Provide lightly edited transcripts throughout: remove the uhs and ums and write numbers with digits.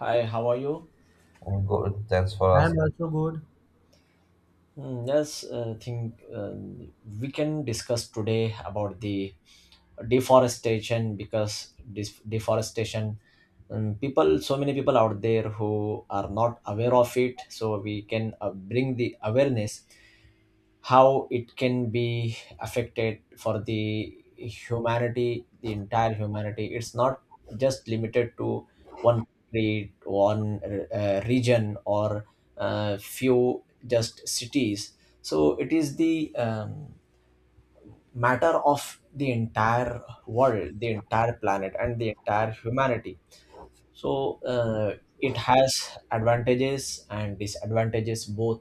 Hi, how are you? I'm good. Thanks for I am asking. also good. Yes, I think, we can discuss today about the deforestation because this deforestation, people, so many people out there who are not aware of it. So we can bring the awareness how it can be affected for the humanity, the entire humanity. It's not just limited to one country, one region, or few just cities. So it is the, matter of the entire world, the entire planet, and the entire humanity. So it has advantages and disadvantages both.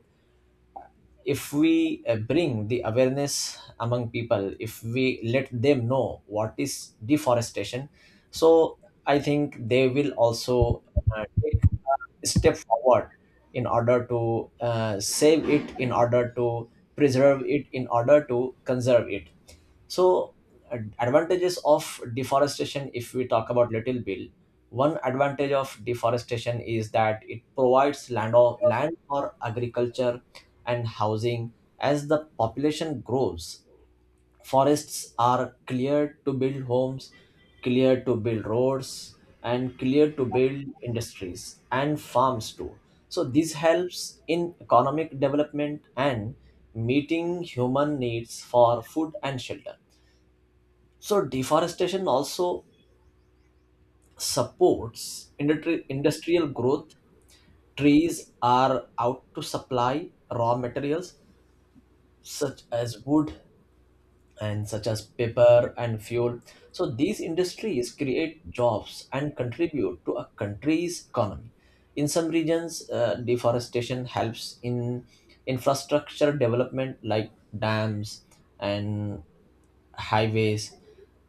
If we bring the awareness among people, if we let them know what is deforestation, so I think they will also take a step forward in order to save it, in order to preserve it, in order to conserve it. So advantages of deforestation, if we talk about little bill, one advantage of deforestation is that it provides land, or land for agriculture and housing. As the population grows, forests are cleared to build homes, cleared to build roads, and cleared to build industries and farms too. So this helps in economic development and meeting human needs for food and shelter. So deforestation also supports industrial growth. Trees are out to supply raw materials such as wood and such as paper and fuel. So these industries create jobs and contribute to a country's economy. In some regions, deforestation helps in infrastructure development like dams and highways.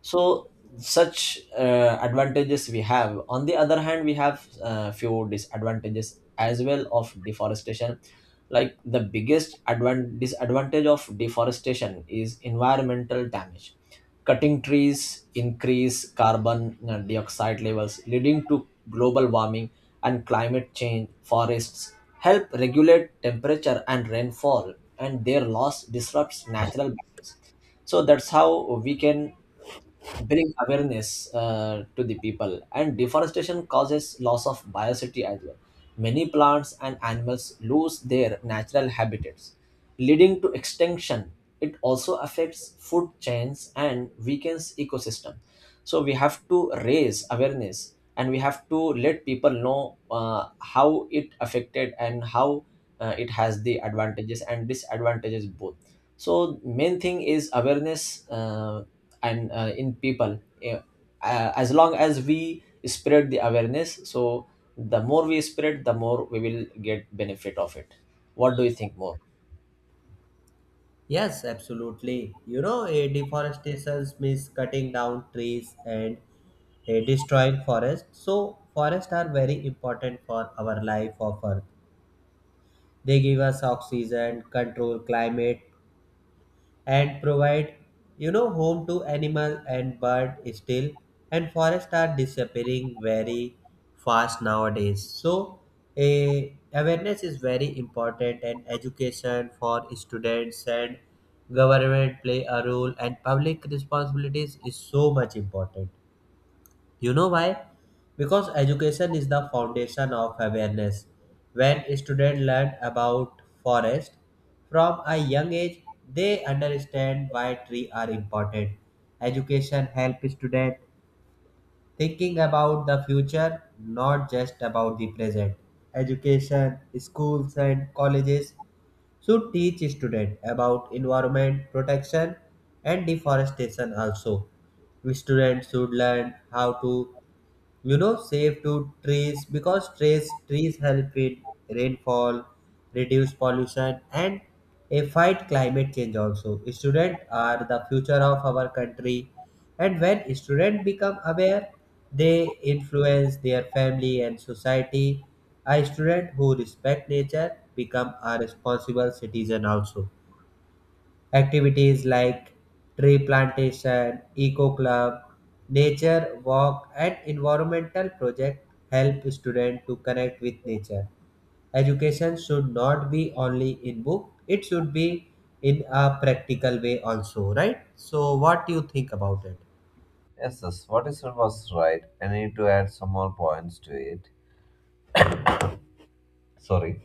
So such advantages we have. On the other hand, we have few disadvantages as well of deforestation. Like, the biggest disadvantage of deforestation is environmental damage. Cutting trees increase carbon dioxide levels, leading to global warming and climate change. Forests help regulate temperature and rainfall, and their loss disrupts natural balance. So that's how we can bring awareness to the people. And deforestation causes loss of biodiversity as well. Many plants and animals lose their natural habitats, leading to extinction. It also affects food chains and weakens ecosystem. So we have to raise awareness, and we have to let people know how it affected and how it has the advantages and disadvantages both. So main thing is awareness, and in people. Yeah. As long as we spread the awareness, so the more we spread, the more we will get benefit of it. What do you think more? Yes, absolutely. You know, a deforestation means cutting down trees and a destroying forest. So, forests are very important for our life of Earth. They give us oxygen, control climate, and provide home to animal and bird still and forests are disappearing very fast nowadays, so a awareness is very important, and education for students and government play a role, and public responsibilities is so much important. You know why? Because education is the foundation of awareness. When students learn about forest from a young age, they understand why trees are important. Education helps students thinking about the future, not just about the present. Education, schools and colleges should teach students about environment protection and deforestation also. Students should learn how to save to trees because trees help with rainfall, reduce pollution, and a fight climate change also. Students are the future of our country, and when students become aware, they influence their family and society. A student who respect nature become a responsible citizen also. Activities like tree plantation, eco club, nature walk and environmental project help students to connect with nature. Education should not be only in book, it should be in a practical way also, right? So what do you think about it? Yes, yes. What you said was right. I need to add some more points to it. Sorry.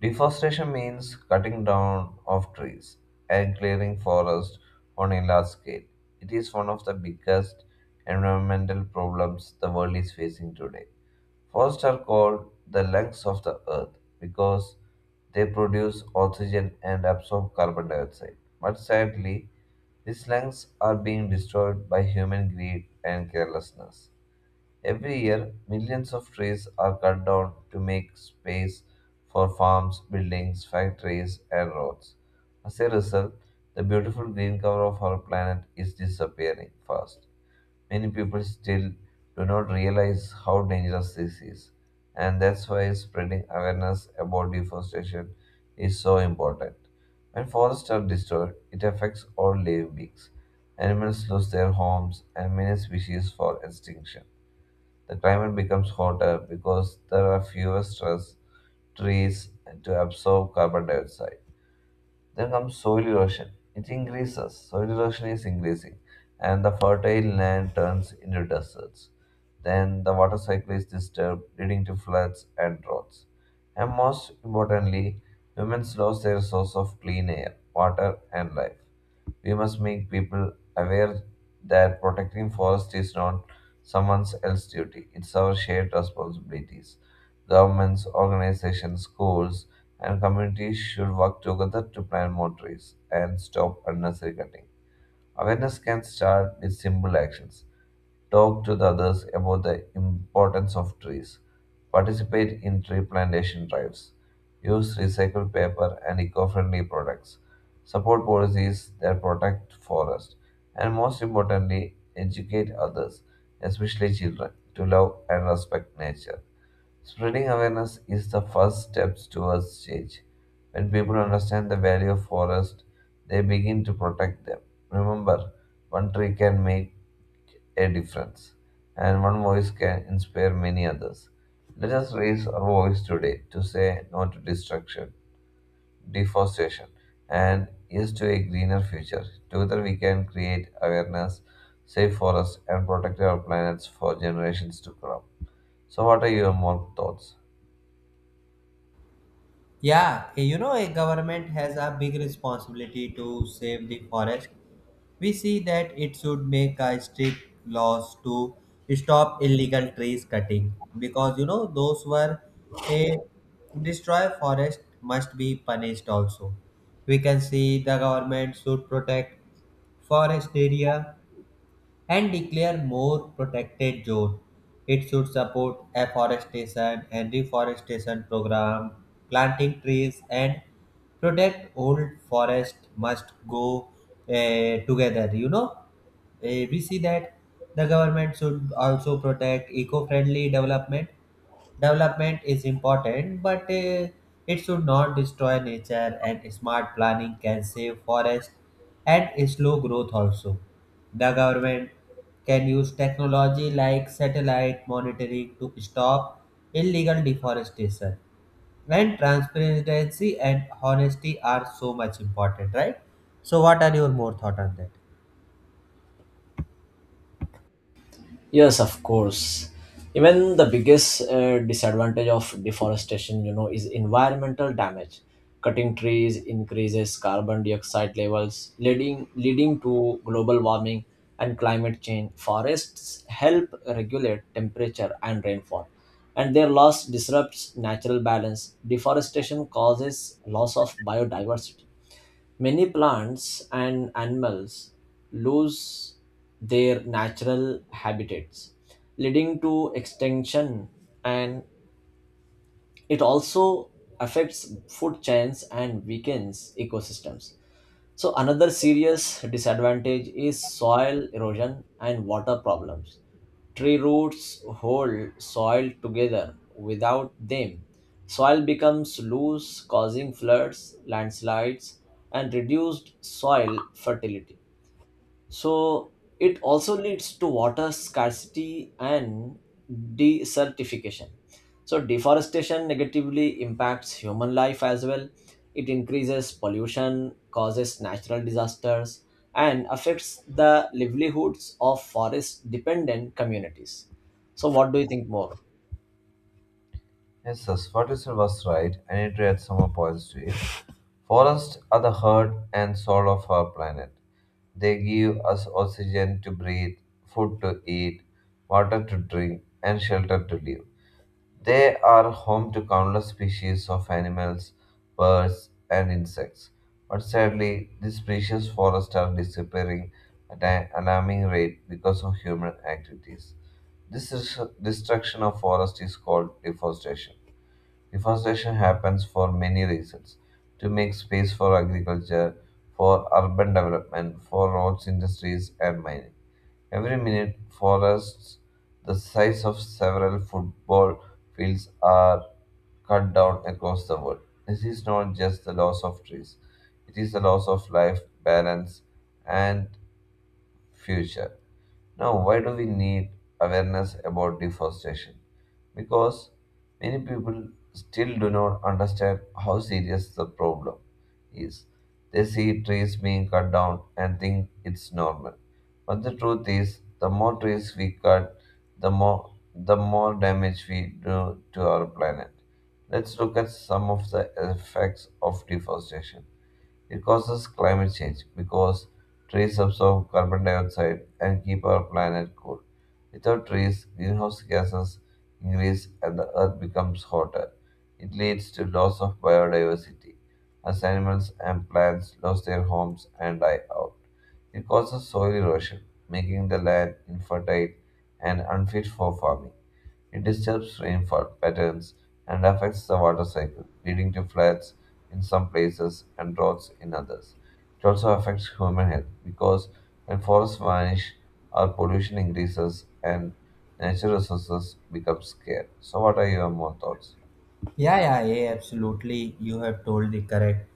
Deforestation means cutting down of trees and clearing forests on a large scale. It is one of the biggest environmental problems the world is facing today. Forests are called the lungs of the earth because they produce oxygen and absorb carbon dioxide. But sadly, these lungs are being destroyed by human greed and carelessness. Every year, millions of trees are cut down to make space for farms, buildings, factories, and roads. As a result, the beautiful green cover of our planet is disappearing fast. Many people still do not realize how dangerous this is, and that's why spreading awareness about deforestation is so important. When forests are destroyed, it affects all living beings. Animals lose their homes, and many species fall extinction. The climate becomes hotter because there are fewer stress trees to absorb carbon dioxide. Then comes soil erosion. It increases. Soil erosion is increasing, and the fertile land turns into deserts. Then the water cycle is disturbed, leading to floods and droughts. And most importantly, humans lost their source of clean air, water, and life. We must make people aware that protecting forest is not someone else's duty; it's our shared responsibility. Governments, organizations, schools, and communities should work together to plant more trees and stop unnecessary cutting. Awareness can start with simple actions. Talk to the others about the importance of trees. Participate in tree plantation drives. Use recycled paper and eco friendly products. Support policies that protect forests. And most importantly, educate others, especially children, to love and respect nature. Spreading awareness is the first step towards change. When people understand the value of forests, they begin to protect them. Remember, one tree can make a difference, and one voice can inspire many others. Let us raise our voice today to say no to destruction, deforestation, and yes to a greener future. Together, we can create awareness, save forests, and protect our planets for generations to come. So, what are your more thoughts? Yeah, you know, a government has a big responsibility to save the forest. We see that it should make a strict laws to stop illegal trees cutting, because those were a destroy forest must be punished also. We can see the government should protect forest area and declare more protected zone. It should support afforestation and reforestation program, planting trees, and protect old forest must go together, We see that the government should also protect eco-friendly development. Development is important, but it should not destroy nature. And smart planning can save forest and slow growth also. The government can use technology like satellite monitoring to stop illegal deforestation. And transparency and honesty are so much important, right? So, what are your more thought on that? Yes, of course. Even the biggest disadvantage of deforestation, you know, is environmental damage. Cutting trees increases carbon dioxide levels, leading to global warming and climate change. Forests help regulate temperature and rainfall, and their loss disrupts natural balance. Deforestation causes loss of biodiversity. Many plants and animals lose their natural habitats, leading to extinction, and it also affects food chains and weakens ecosystems. So another serious disadvantage is soil erosion and water problems. Tree roots hold soil together. Without them, soil becomes loose, causing floods, landslides, and reduced soil fertility. So it also leads to water scarcity and desertification. So deforestation negatively impacts human life as well. It increases pollution, causes natural disasters, and affects the livelihoods of forest dependent communities. So, what do you think more? Yes, thus Ferguson was right. I need to add some more points to it. Forests are the heart and soul of our planet. They give us oxygen to breathe, food to eat, water to drink, and shelter to live. They are home to countless species of animals, birds, and insects. But sadly, these precious forests are disappearing at an alarming rate because of human activities. This is destruction of forest is called deforestation. Deforestation happens for many reasons to make space for agriculture, for urban development, for roads, industries, and mining. Every minute, forests the size of several football fields are cut down across the world. This is not just the loss of trees, it is the loss of life, balance, and future. Now, why do we need awareness about deforestation? Because many people still do not understand how serious the problem is. They see trees being cut down and think it's normal. But the truth is, the more trees we cut, the more damage we do to our planet. Let's look at some of the effects of deforestation. It causes climate change because trees absorb carbon dioxide and keep our planet cool. Without trees, greenhouse gases increase and the earth becomes hotter. It leads to loss of biodiversity as animals and plants lose their homes and die out. It causes soil erosion, making the land infertile and unfit for farming. It disturbs rainfall patterns and affects the water cycle, leading to floods in some places and droughts in others. It also affects human health because when forests vanish, our pollution increases and natural resources become scarce. So, what are your more thoughts? Yeah, yeah, yeah, absolutely. You have told the correct.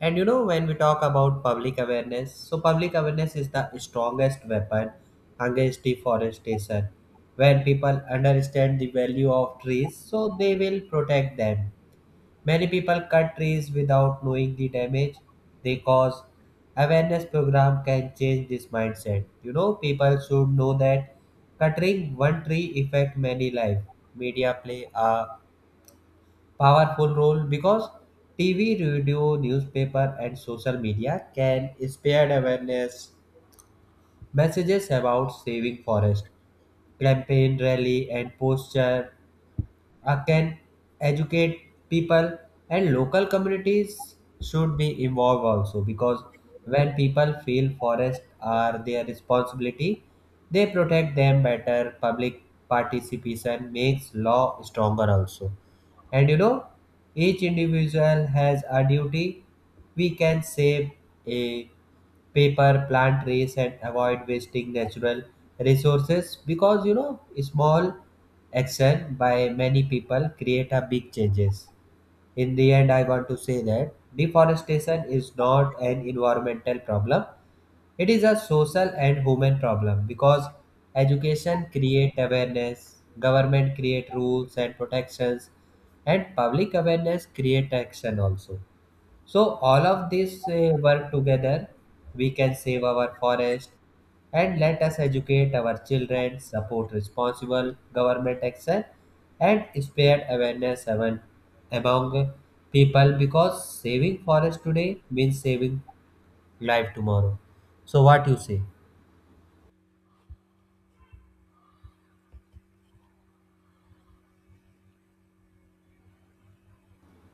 And you know, when we talk about public awareness, so public awareness is the strongest weapon against deforestation. When people understand the value of trees, so they will protect them. Many people cut trees without knowing the damage they cause. Awareness program can change this mindset. You know, people should know that cutting one tree affect many life. Media play a powerful role because TV, radio, newspaper, and social media can spread awareness messages about saving forest. Campaign, rally, and posture can educate people, and local communities should be involved also, because when people feel forests are their responsibility, they protect them better. Public participation makes law stronger also. And you know, each individual has a duty. We can save a paper, plant trees, and avoid wasting natural resources, because small action by many people create a big changes. In the end, I want to say that deforestation is not an environmental problem, it is a social and human problem, because education create awareness, government create rules and protections, and public awareness create action also. So all of these work together, we can save our forest, and let us educate our children, support responsible government action, and spread awareness among people, because saving forest today means saving live tomorrow. So what you say?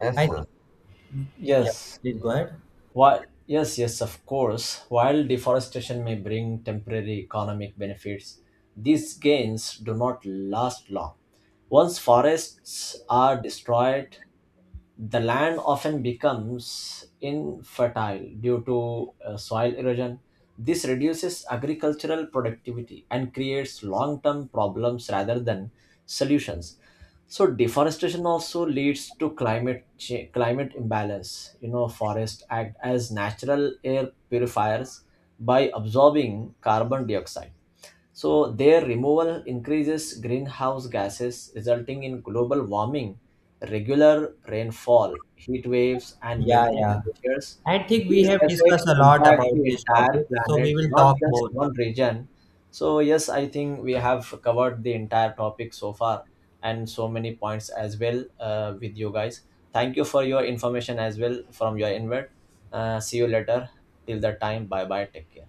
Yes, I think, sir. yeah, Yes, please go ahead. while, of course, while deforestation may bring temporary economic benefits, these gains do not last long. Once forests are destroyed, the land often becomes infertile due to soil erosion. This reduces agricultural productivity and creates long term problems rather than solutions. So deforestation also leads to climate imbalance. You know, forests act as natural air purifiers by absorbing carbon dioxide, so their removal increases greenhouse gases, resulting in global warming, regular rainfall, heat waves, and Yeah, melting yeah. glaciers. I think we These have discussed effects a lot impact about the this entire topic, so we planet, will not talk just more. one region. So yes, I think we have covered the entire topic so far and so many points as well with you guys. Thank you for your information as well from your invert. See you later. Till that time, bye bye. Take care.